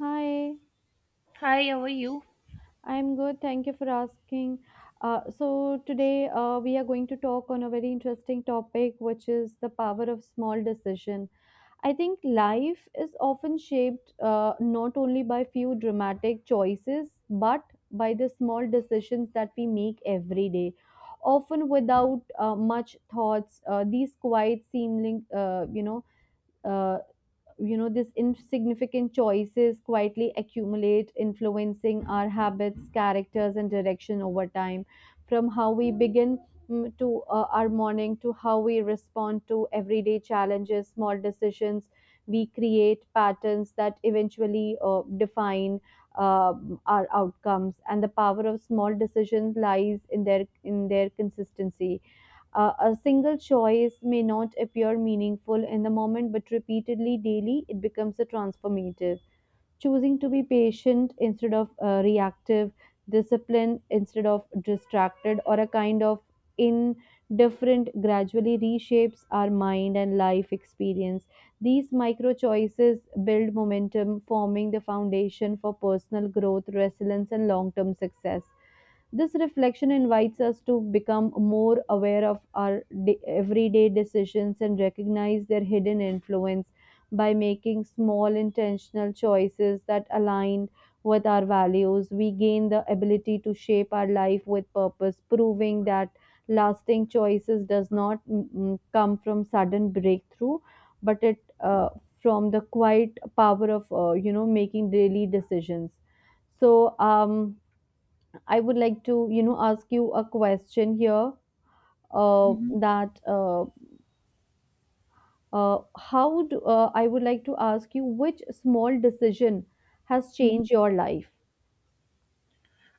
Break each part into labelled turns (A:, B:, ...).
A: Hi,
B: Hi, how are you?
A: I'm good. Thank you for asking. So today we are going to talk on a very interesting topic, which is the power of small decision. I think life is often shaped not only by few dramatic choices, but by the small decisions that we make every day, often without much thoughts. These quiet seeming, uh, these insignificant choices quietly accumulate, influencing our habits, characters, and direction over time. From how we begin, to our morning, to how we respond to everyday challenges, small decisions, we create patterns that eventually define uh, our outcomes. And the power of small decisions lies in their consistency. A single choice may not appear meaningful in the moment, but repeatedly daily, it becomes a transformative. Choosing to be patient instead of reactive, disciplined instead of distracted, or a kind of indifferent gradually reshapes our mind and life experience. These micro choices build momentum, forming the foundation for personal growth, resilience, and long term success. This reflection invites us to become more aware of our everyday decisions and recognize their hidden influence by making small intentional choices that align with our values. We gain the ability to shape our life with purpose, proving that lasting choices does not come from sudden breakthrough, but it from the quiet power of making daily decisions. So um, I would like to, you know, ask you a question here.
B: hmm
A: That how do I would like to ask you, which small decision has
B: hmm
A: changed your life?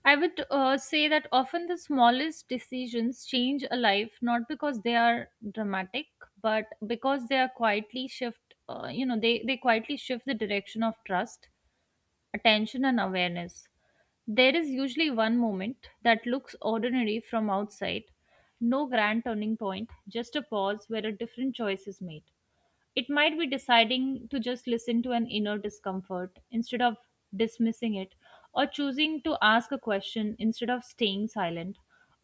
B: I would say that often the smallest decisions change a life, not because they are dramatic, but because they are quietly shift. They quietly shift the direction of trust, attention, and awareness. There is usually one moment that looks ordinary from outside, no grand turning point, just a pause where a different choice is made. It might be deciding to just listen to an inner discomfort instead of dismissing it, or choosing to ask a question instead of staying silent,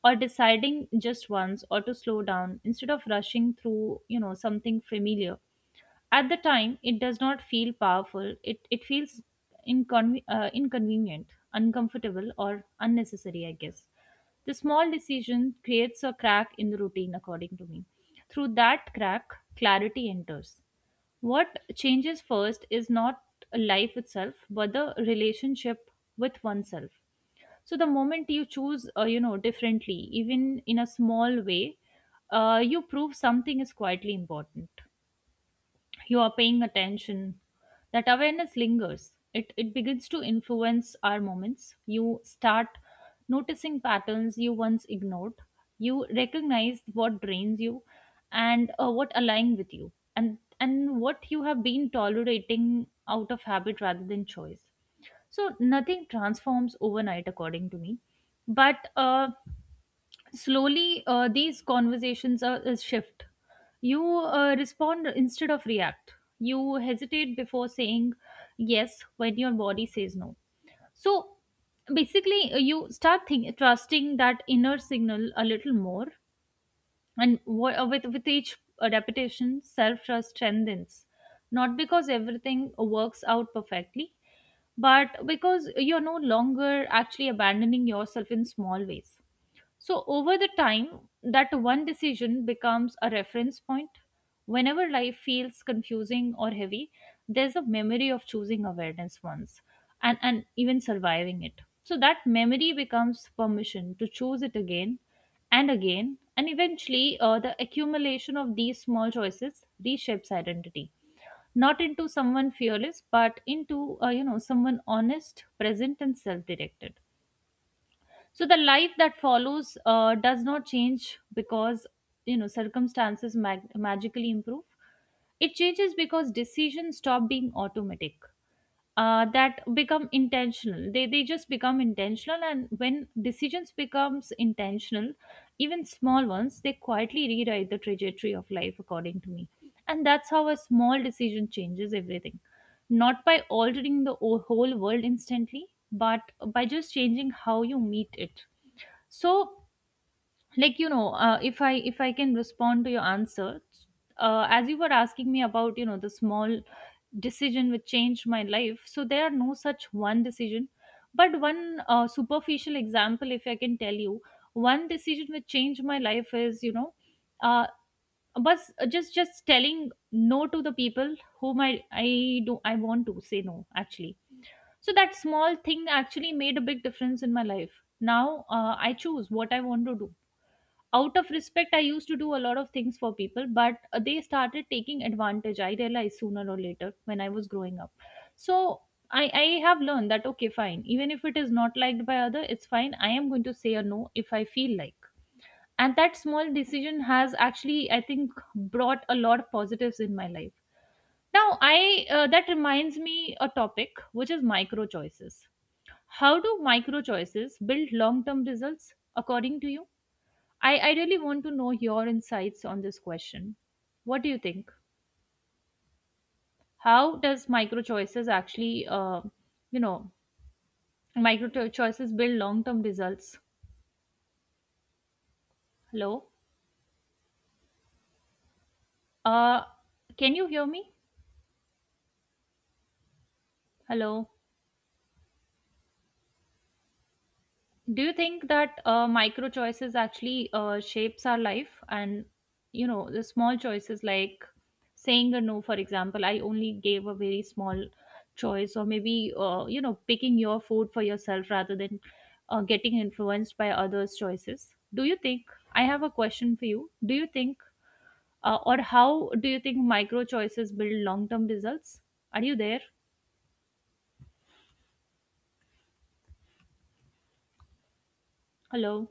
B: or deciding just once or to slow down instead of rushing through, something familiar. At the time, it does not feel powerful. It feels inconvenient, uncomfortable, or unnecessary, I guess. The small decision creates a crack in the routine, according to me. Through that crack, clarity enters. What changes first is not life itself, but the relationship with oneself. So the moment you choose, differently, even in a small way, you prove something is quietly important. You are paying attention. That awareness lingers. It begins to influence our moments. You start noticing patterns you once ignored. You recognize what drains you and what align with you, and what you have been tolerating out of habit rather than choice. So nothing transforms overnight, according to me, but slowly these conversations is shift. You respond instead of react. You hesitate before saying yes when your body says no. So basically, you start trusting that inner signal a little more. And with each repetition, self trust strengthens, not because everything works out perfectly, but because you're no longer actually abandoning yourself in small ways. So, over the time, that one decision becomes a reference point. Whenever life feels confusing or heavy, there's a memory of choosing awareness once and even surviving it. So, that memory becomes permission to choose it again and again. And eventually, the accumulation of these small choices reshapes identity, not into someone fearless, but into someone honest, present, and self-directed. So the life that follows does not change because, you know, circumstances magically improve. It changes because decisions stop being automatic. Uh, that become intentional. They just become intentional. And when decisions becomes intentional, even small ones, they quietly rewrite the trajectory of life, according to me. And that's how a small decision changes everything, not by altering the whole world instantly, but by just changing how you meet it. So, if I can respond to your answer, as you were asking me about, you know, the small decision which changed my life, so there are no such one decision, but one superficial example, if I can tell you, one decision which changed my life is, you know. Uh, but just telling no to the people whom I want to say no actually. So that small thing actually made a big difference in my life. Now I choose what I want to do. Out of respect, I used to do a lot of things for people, but they started taking advantage. I realized sooner or later when I was growing up. So I have learned that okay, fine. Even if it is not liked by other, it's fine. I am going to say a no if I feel like. And that small decision has actually, I think, brought a lot of positives in my life. Now, I that reminds me a topic which is micro choices. How do micro choices build long term results, according to you? I really want to know your insights on this question. What do you think? How does micro choices actually, you know, choices build long term results? Hello? Uh, can you hear me? Hello? Do you think that micro choices actually shapes our life, and you know, the small choices like saying a no, for example? I only gave a very small choice, or maybe, picking your food for yourself rather than getting influenced by others choices. Do you think, I have a question for you. Do you think, or how do you think micro choices build long term results? Are you there? Hello?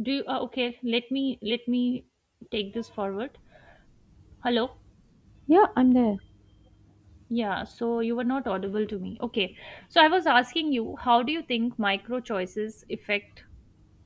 B: Do you Okay, let me take this forward. Hello?
A: Yeah, I'm there.
B: Yeah, so you were not audible to me. Okay. So I was asking you, how do you think micro choices affect,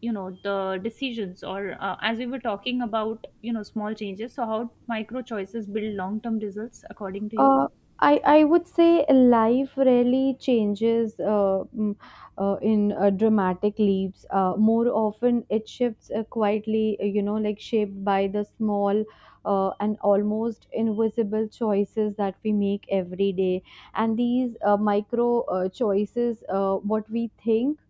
B: you know, the decisions or, as we were talking about, you know, small changes, so how micro choices build long-term results, according to you?
A: Uh, I would say life rarely changes in dramatic leaps. More often, it shifts quietly, like shaped by the small and almost invisible choices that we make every day. And these micro choices, what we think.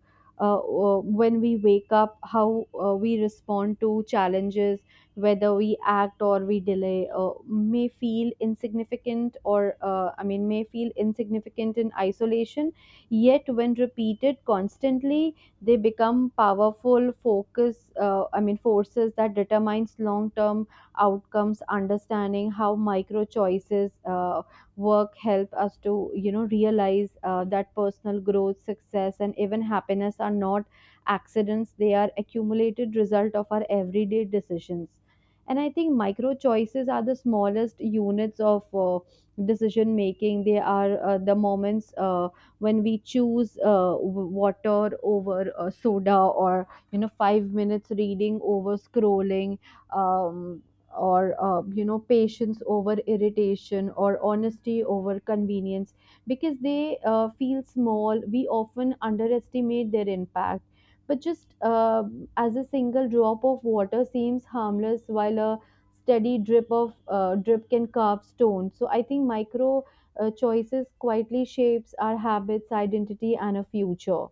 A: When we wake up, how we respond to challenges, whether we act or we delay may feel insignificant or may feel insignificant in isolation. Yet when repeated constantly, they become powerful focus I mean forces that determines long term outcomes. Understanding how micro choices work help us to, you know, realize that personal growth, success, and even happiness are not accidents. They are accumulated result of our everyday decisions. And I think micro choices are the smallest units of decision making. They are the moments when we choose water over soda, or, you know, 5 minutes reading over scrolling, um, or you know, patience over irritation, or honesty over convenience. Because they feel small, we often underestimate their impact. But just as a single drop of water seems harmless, while a steady drip can carve stone. So I think micro choices quietly shapes our habits, identity, and a future.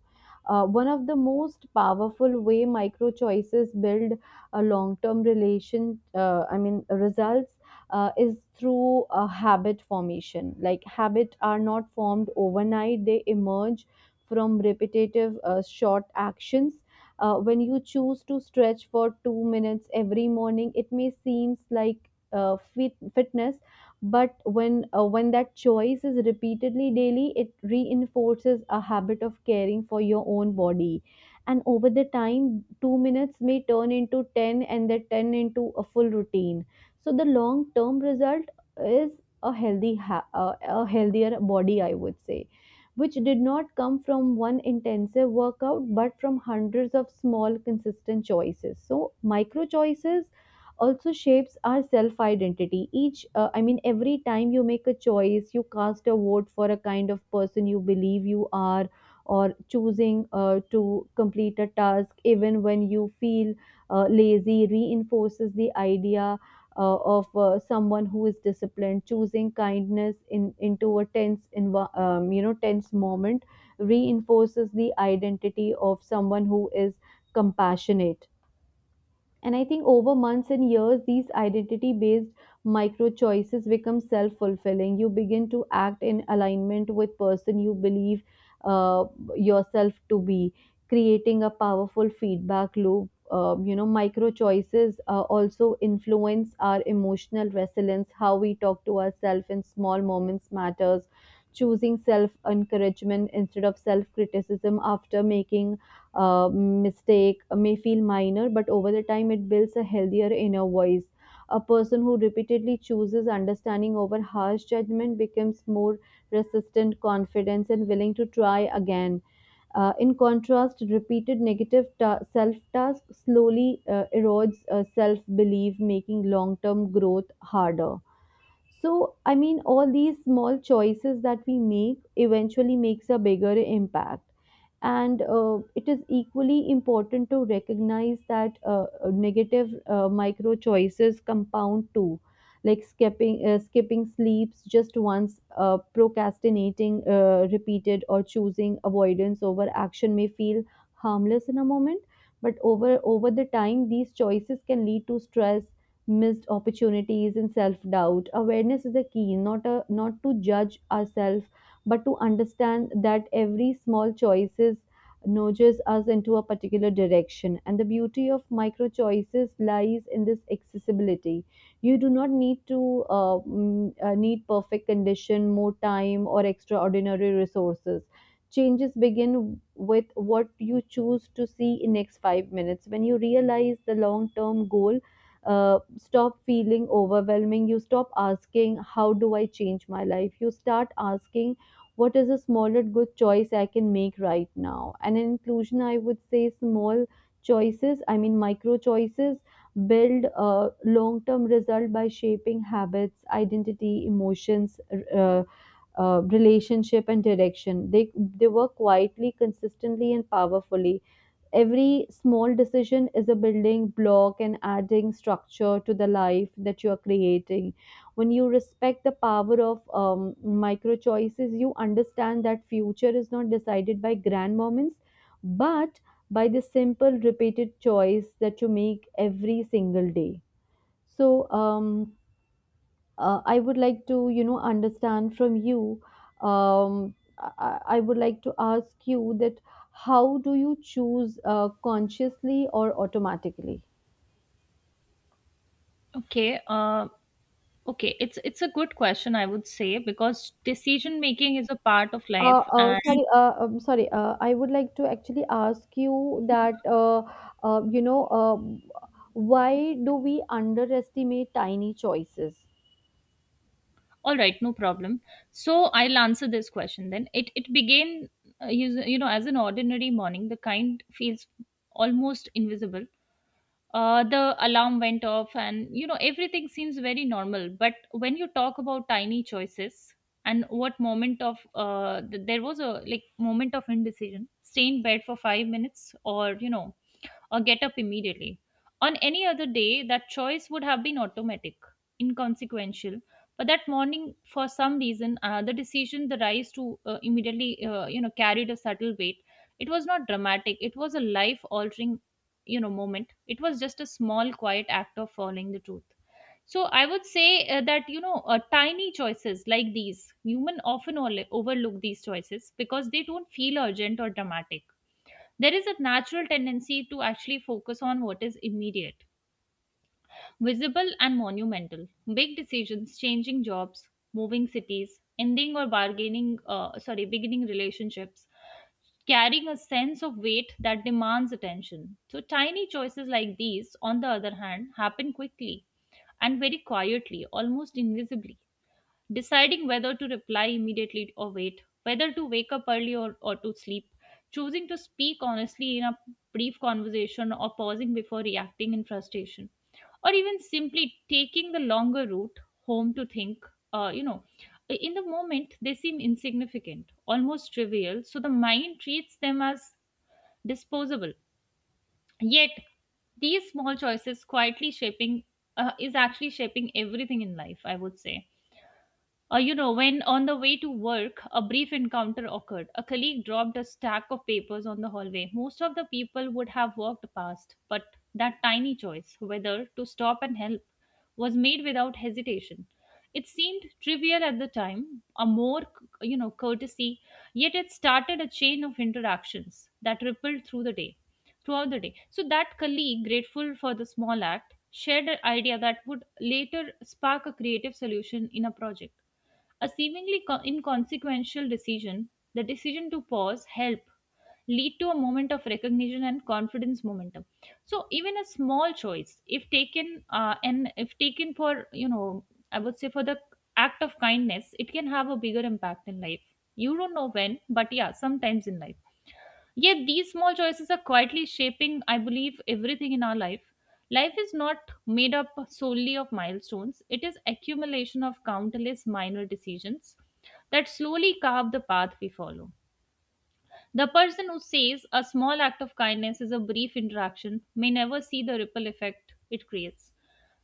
A: One of the most powerful way micro choices build a long term relation I mean results is through a habit formation. Like habit are not formed overnight, they emerge from repetitive short actions. When you choose to stretch for 2 minutes every morning, it may seems like fitness, but when that choice is repeatedly daily, it reinforces a habit of caring for your own body. And over the time, 2 minutes may turn into 10, and then 10 into a full routine. So the long term result is a a healthier body, I would say, which did not come from one intensive workout, but from hundreds of small consistent choices. So micro choices also shapes our self identity. Each I mean Every time you make a choice, you cast a vote for a kind of person you believe you are. Or choosing to complete a task even when you feel lazy reinforces the idea of someone who is disciplined. Choosing kindness in into a tense in you know tense moment reinforces the identity of someone who is compassionate. And I think over months and years, these identity based micro choices become self fulfilling. You begin to act in alignment with person you believe uh, yourself to be, creating a powerful feedback loop. You know, micro choices also influence our emotional resilience. How we talk to ourselves in small moments matters. Choosing self encouragement instead of self criticism after making mistake may feel minor, but over the time it builds a healthier inner voice. A person who repeatedly chooses understanding over harsh judgment becomes more resistant, confident, and willing to try again. In contrast, repeated negative self tasks slowly erodes self belief, making long term growth harder. So I mean all these small choices that we make eventually makes a bigger impact. And it is equally important to recognize that negative micro choices compound too. Like skipping sleeps just once, procrastinating repeated, or choosing avoidance over action may feel harmless in a moment. But over the time, these choices can lead to stress, missed opportunities, and self-doubt. Awareness is a key, not a not to judge ourselves, but to understand that every small choices nudges us into a particular direction. And the beauty of micro choices lies in this accessibility. You do not need to, need perfect condition, more time, or extraordinary resources. Changes begin with what you choose to see in next 5 minutes. When you realize the long term goal stop feeling overwhelming, you stop asking, how do I change my life? You start asking, what is a smaller good choice I can make right now? And in inclusion, I would say small micro choices build a long term result by shaping habits, identity, emotions, uh, relationship, and direction. They work quietly, consistently, and powerfully. Every small decision is a building block and adding structure to the life that you are creating. When you respect the power of micro choices, you understand that future is not decided by grand moments, but by the simple repeated choice that you make every single day. So, um, I would like to, you know, understand from you. I would like to ask you that, how do you choose consciously or automatically?
B: Okay. It's a good question, I would say, because decision making is a part of life. And
A: Sorry, sorry. I would like to actually ask you that, uh, you know, uh, why do we underestimate tiny choices?
B: all right, no problem. So I'll answer this question then. It began, you know, as an ordinary morning, the kind feels almost invisible. The alarm went off, and you know, everything seems very normal. But when you talk about tiny choices, and what moment of there was a like moment of indecision: stay in bed for 5 minutes, or you know, or get up immediately. On any other day, that choice would have been automatic, inconsequential. But that morning, for some reason, the decision, the rise to immediately, carried a subtle weight. It was not dramatic. It was a life-altering, you know, moment. It was just a small, quiet act of following the truth. So I would say that you know, tiny choices like these, human often overlook these choices because they don't feel urgent or dramatic. There is a natural tendency to actually focus on what is immediate, visible, and monumental. Big decisions, changing jobs, moving cities, ending or beginning relationships, carrying a sense of weight that demands attention. So, tiny choices like these, on the other hand, happen quickly and very quietly, almost invisibly, deciding whether to reply immediately or wait, whether to wake up early or to sleep, choosing to speak honestly in a brief conversation or pausing before reacting in frustration, or even simply taking the longer route home to think, you know. In the moment, they seem insignificant, almost trivial, so the mind treats them as disposable. Yet, these small choices quietly shaping is actually shaping everything in life, I would say. When on the way to work, a brief encounter occurred. A colleague dropped a stack of papers on the hallway. Most of the people would have walked past, but that tiny choice, whether to stop and help, was made without hesitation. It seemed trivial at the time, a more, you know, courtesy, yet it started a chain of interactions that rippled through the day, throughout the day. So that colleague, grateful for the small act, shared an idea that would later spark a creative solution in a project, a seemingly inconsequential decision. The decision to pause, help, lead to a moment of recognition and confidence momentum. So even a small choice, if taken, and if taken for, you know, I would say, for the act of kindness, it can have a bigger impact in life. You don't know when, but yeah, sometimes in life. Yet these small choices are quietly shaping, I believe, everything in our life. Life is not made up solely of milestones. It is accumulation of countless minor decisions that slowly carve the path we follow. The person who says a small act of kindness is a brief interaction may never see the ripple effect it creates.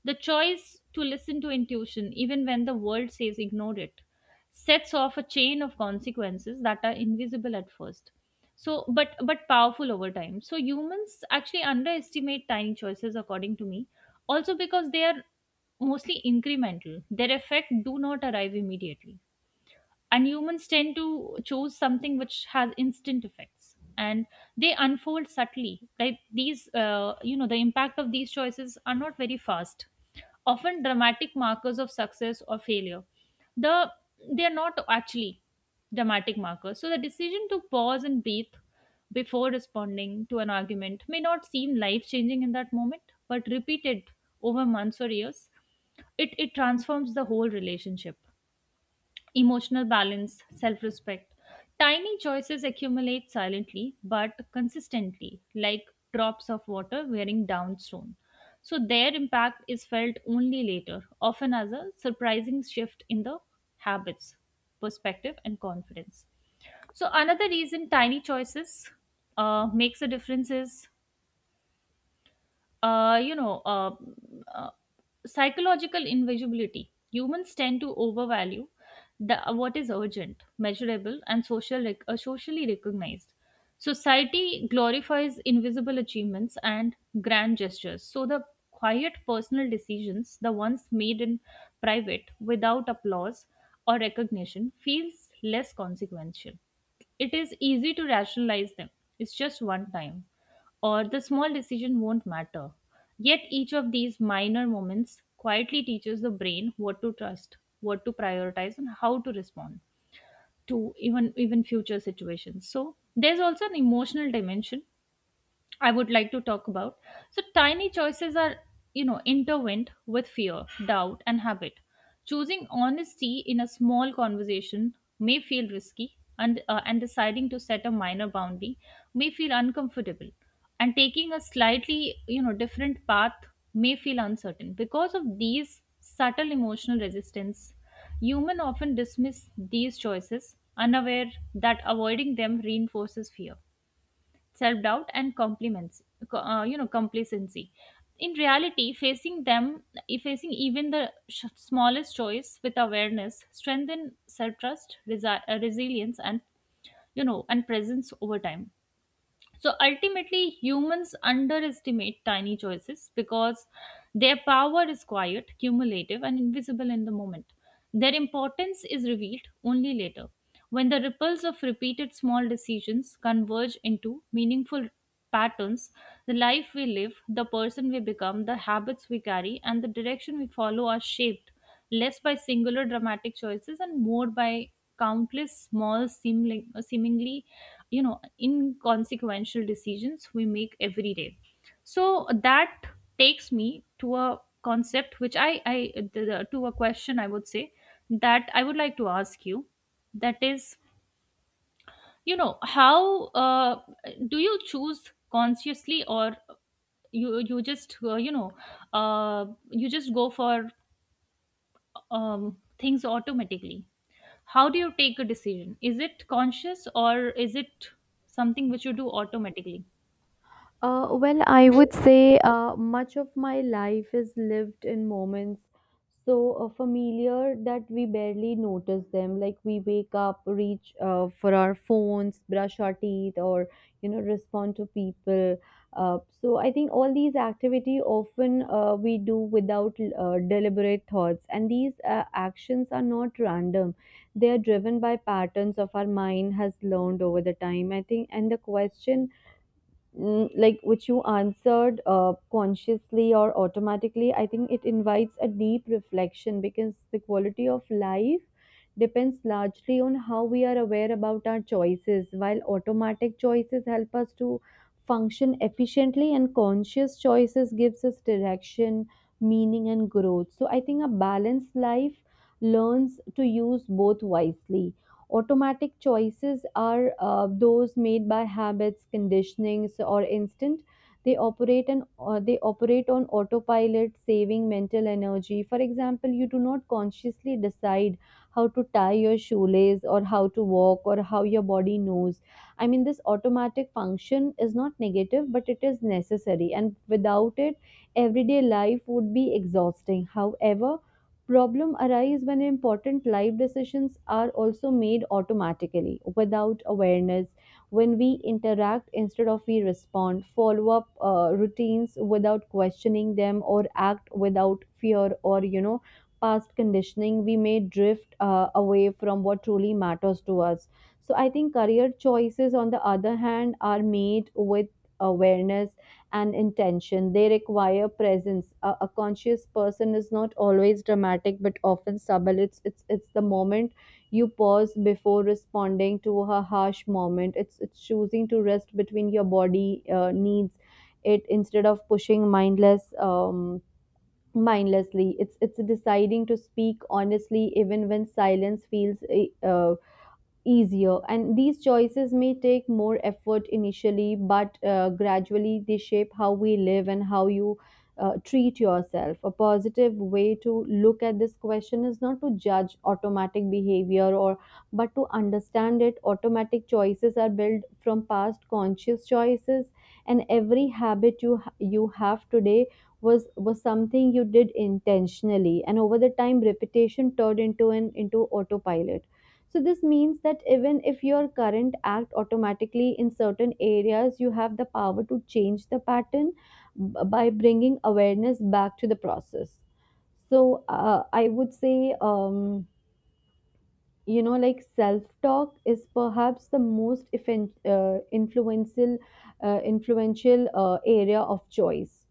B: The choice to listen to intuition, even when the world says ignore it, sets off a chain of consequences that are invisible at first, so but powerful over time. So humans actually underestimate tiny choices, according to me, also because they are mostly incremental. Their effect do not arrive immediately, and humans tend to choose something which has instant effects, and they unfold subtly. Like these, the impact of these choices are not very fast, often dramatic markers of success or failure. The they are not actually dramatic markers. So the decision to pause and breathe before responding to an argument may not seem life changing in that moment, but repeated over months or years, it transforms the whole relationship, emotional balance, self respect. Tiny choices accumulate silently but consistently, like drops of water wearing down stone. So their impact is felt only later, often as a surprising shift in the habits, perspective, and confidence. So another reason tiny choices makes a difference is, uh, you know, uh, uh, psychological invisibility. Humans tend to overvalue the, what is urgent, measurable, and social, socially recognized. Society glorifies invisible achievements and grand gestures. So the quiet personal decisions, the ones made in private without applause or recognition, feels less consequential. It is easy to rationalize them. It's just one time or the small decision won't matter. Yet each of these minor moments quietly teaches the brain what to trust, what to prioritize and how to respond to even future situations. So there's also an emotional dimension I would like to talk about. So, tiny choices are, intertwined with fear, doubt, and habit. Choosing honesty in a small conversation may feel risky, and deciding to set a minor boundary may feel uncomfortable, and taking a slightly, different path may feel uncertain. Because of these subtle emotional resistance, human often dismiss these choices, unaware that avoiding them reinforces fear self-doubt and compliments complacency. In reality, facing them, facing even the smallest choice with awareness strengthen self-trust, resilience and and presence over time. So ultimately, humans underestimate tiny choices because their power is quiet, cumulative, and invisible in the moment. Their importance is revealed only later, when the ripples of repeated small decisions converge into meaningful patterns. The life we live, the person we become, the habits we carry, and the direction we follow are shaped less by singular dramatic choices and more by countless small, seemingly inconsequential decisions we make every day. So that takes me to a concept which to a question I would say that I would like to ask you, that is, you know, how do you choose consciously, or you just you just go for things automatically? How do you take a decision? Is it conscious or is it something which you do automatically?
A: Well, I would say much of my life is lived in moments so familiar that we barely notice them. Like we wake up, reach for our phones, brush our teeth, or, you know, respond to people. So I think all these activity often we do without deliberate thoughts, and these actions are not random. They are driven by patterns of our mind has learned over the time, I think. And the question, like which you answered consciously or automatically, I think it invites a deep reflection because the quality of life depends largely on how we are aware about our choices. While automatic choices help us to function efficiently, and conscious choices gives us direction, meaning, and growth. So I think a balanced life learns to use both wisely. Automatic choices are those made by habits, conditionings, or instinct. They operate on autopilot, saving mental energy. For example, you do not consciously decide how to tie your shoelace or how to walk or how your body knows. I mean, this automatic function is not negative, but it is necessary, and without it, everyday life would be exhausting. However, problem arise when important life decisions are also made automatically without awareness. When we interact instead of we respond, follow up routines without questioning them, or act without fear or, you know, past conditioning, we may drift away from what truly matters to us. So, I think career choices, on the other hand, are made with awareness and intention. They require presence. A conscious person is not always dramatic, but often subtle. It's the moment you pause before responding to a harsh moment. It's choosing to rest between your body needs it instead of pushing mindlessly. It's deciding to speak honestly even when silence feels easier. And these choices may take more effort initially, but gradually they shape how we live and how you treat yourself. A positive way to look at this question is not to judge automatic behavior, or but to understand it. Automatic choices are built from past conscious choices, and every habit you have today was something you did intentionally, and over the time repetition turned into autopilot. So this means that even if your current act automatically in certain areas, you have the power to change the pattern by bringing awareness back to the process. So I would say, you know, like self-talk is perhaps the influential area of choice.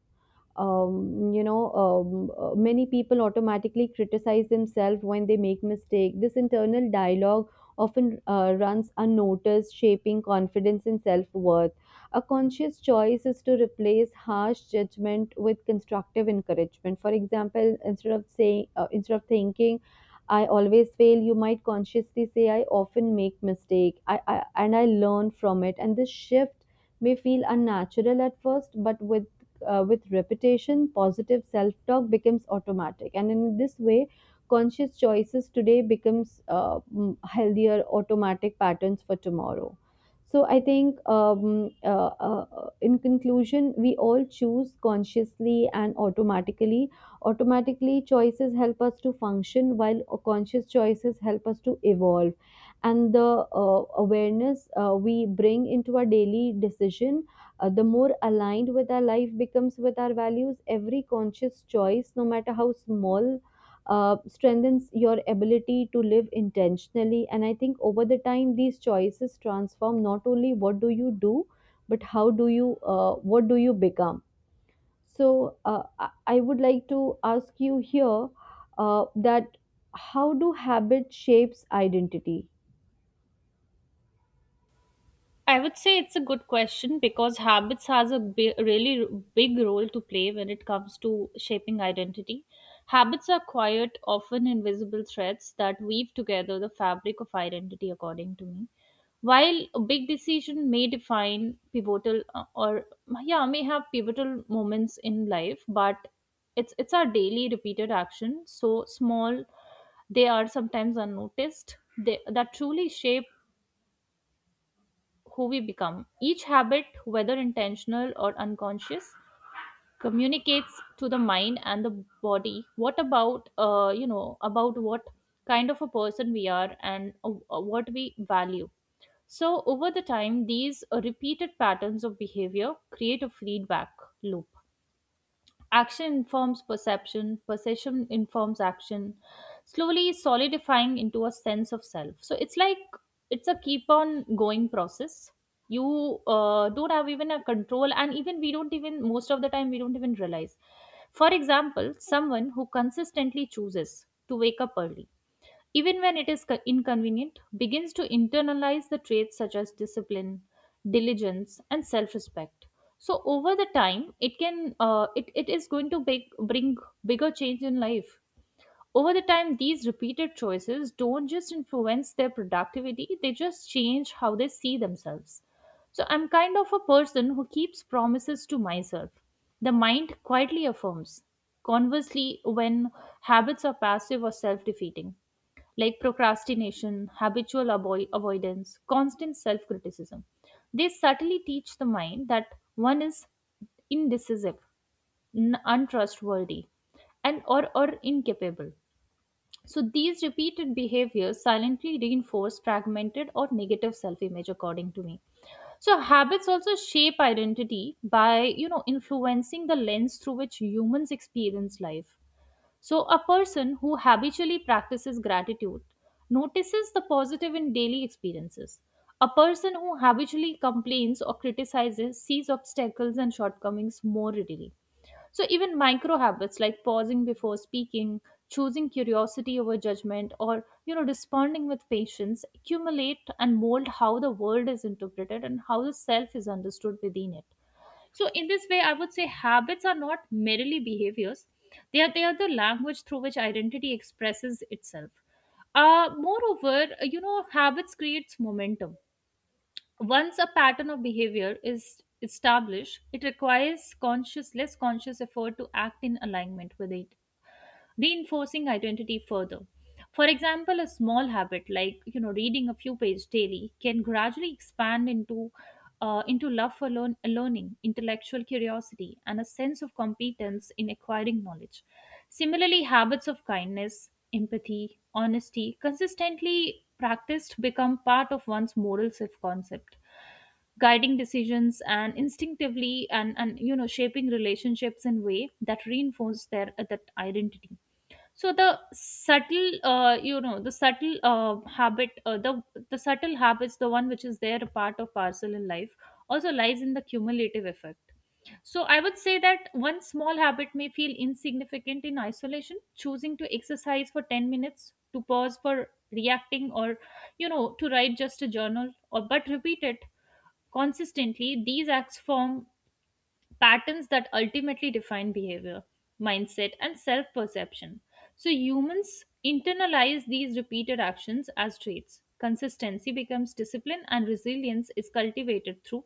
A: Many people automatically criticize themselves when they make mistake. This internal dialogue often runs unnoticed, shaping confidence and self worth. A conscious choice is to replace harsh judgment with constructive encouragement. For example, instead of thinking, I always fail, you might consciously say, I often make mistake, I and I learn from it. And this shift may feel unnatural at first, but with repetition, positive self-talk becomes automatic. And in this way, conscious choices today becomes healthier automatic patterns for tomorrow. So I think, in conclusion, we all choose consciously and automatically. Automatically, choices help us to function, while conscious choices help us to evolve. And the awareness we bring into our daily decision, the more aligned with our life becomes with our values. Every conscious choice, no matter how small, strengthens your ability to live intentionally. And I think over the time these choices transform not only what do you do, but how do you what do you become. So I would like to ask you here that, how do habit shapes identity?
B: I would say it's a good question because habits has a really big role to play when it comes to shaping identity. Habits are quiet, often invisible threads that weave together the fabric of identity according to me. While a big decision may define may have pivotal moments in life, but it's our daily repeated action, so small they are sometimes unnoticed. That truly shape who we become. Each habit, whether intentional or unconscious, communicates to the mind and the body what about, about what kind of a person we are and what we value. So over the time, these repeated patterns of behavior create a feedback loop. Action informs perception, perception informs action, slowly solidifying into a sense of self. So it's like it's a keep on going process. You don't have even a control, and even we don't even, most of the time, we don't even realize. For example, someone who consistently chooses to wake up early even when it is inconvenient, begins to internalize the traits such as discipline, diligence, and self-respect. So over the time, it it is going to bring bigger change in life. Over the time, these repeated choices don't just influence their productivity; they just change how they see themselves. So I'm kind of a person who keeps promises to myself, the mind quietly affirms. Conversely, when habits are passive or self defeating, like procrastination, avoidance, constant self criticism, they subtly teach the mind that one is indecisive, untrustworthy, or incapable. So these repeated behaviors silently reinforce fragmented or negative self-image according to me. So habits also shape identity by, influencing the lens through which humans experience life. So, a person who habitually practices gratitude notices the positive in daily experiences. A person who habitually complains or criticizes sees obstacles and shortcomings more readily. So, even micro habits like pausing before speaking, choosing curiosity over judgment, or responding with patience accumulate and mold how the world is interpreted and how the self is understood within it. So in this way, I would say habits are not merely behaviors. They are the language through which identity expresses itself. Moreover, habits creates momentum. Once a pattern of behavior is established, it requires conscious, less conscious effort to act in alignment with it, reinforcing identity further. For example, a small habit like reading a few pages daily can gradually expand into love for learning, intellectual curiosity, and a sense of competence in acquiring knowledge. Similarly, habits of kindness, empathy, honesty, consistently practiced become part of one's moral self-concept, guiding decisions and instinctively and shaping relationships in way that reinforce their that identity. So the subtle you know the subtle habit the subtle habits, the one which is there a part of parcel in life, also lies in the cumulative effect. So I would say that one small habit may feel insignificant in isolation, choosing to exercise for 10 minutes, to pause for reacting, or to write just a journal, or but repeat it consistently, these acts form patterns that ultimately define behavior, mindset, and self perception. So humans internalize these repeated actions as traits. Consistency becomes discipline, and resilience is cultivated through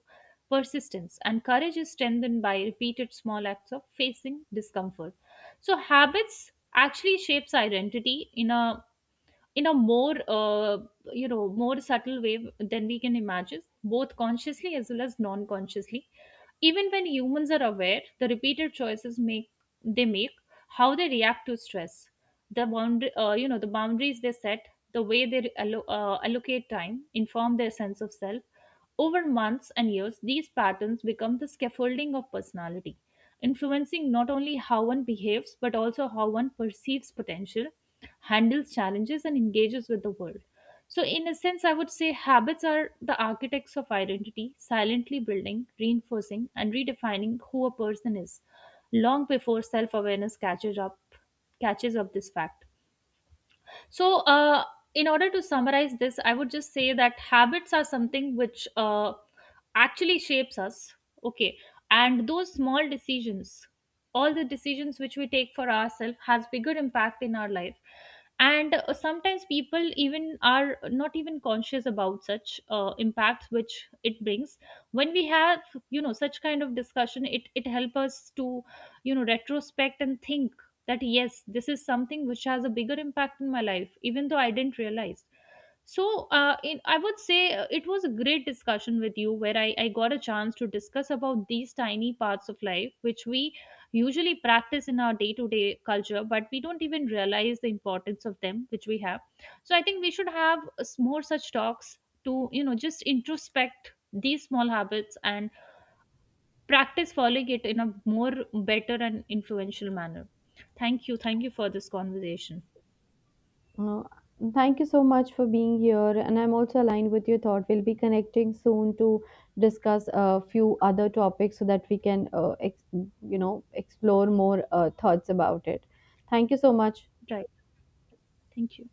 B: persistence, and courage is strengthened by repeated small acts of facing discomfort. So habits actually shapes identity in a more, more subtle way than we can imagine, both consciously as well as non-consciously. Even when humans are aware, the repeated choices make, they make how they react to stress, the boundary you know the boundaries they set, the way they allocate time inform their sense of self. Over months and years these patterns become the scaffolding of personality, influencing not only how one behaves but also how one perceives potential, handles challenges and engages with the world. So in a sense I would say habits are the architects of identity, silently building, reinforcing and redefining who a person is long before self awareness catches up this fact. So, in order to summarize this, I would just say that habits are something which actually shapes us. Okay, and those small decisions, all the decisions which we take for ourselves, has bigger impact in our life. And sometimes people even are not even conscious about such impacts which it brings. When we have such kind of discussion, it helps us to retrospect and think that yes, this is something which has a bigger impact in my life even though I didn't realize. So I would say it was a great discussion with you where I got a chance to discuss about these tiny parts of life which we usually practice in our day-to-day culture but we don't even realize the importance of them which we have. So I think we should have more such talks to, just introspect these small habits and practice following it in a more better and influential manner. Thank you. Thank you for this conversation.
A: Uh, thank you so much for being here, and I'm also aligned with your thought. We'll be connecting soon to discuss a few other topics so that we can, you know, explore more thoughts about it. Thank you so much.
B: Right. Thank you.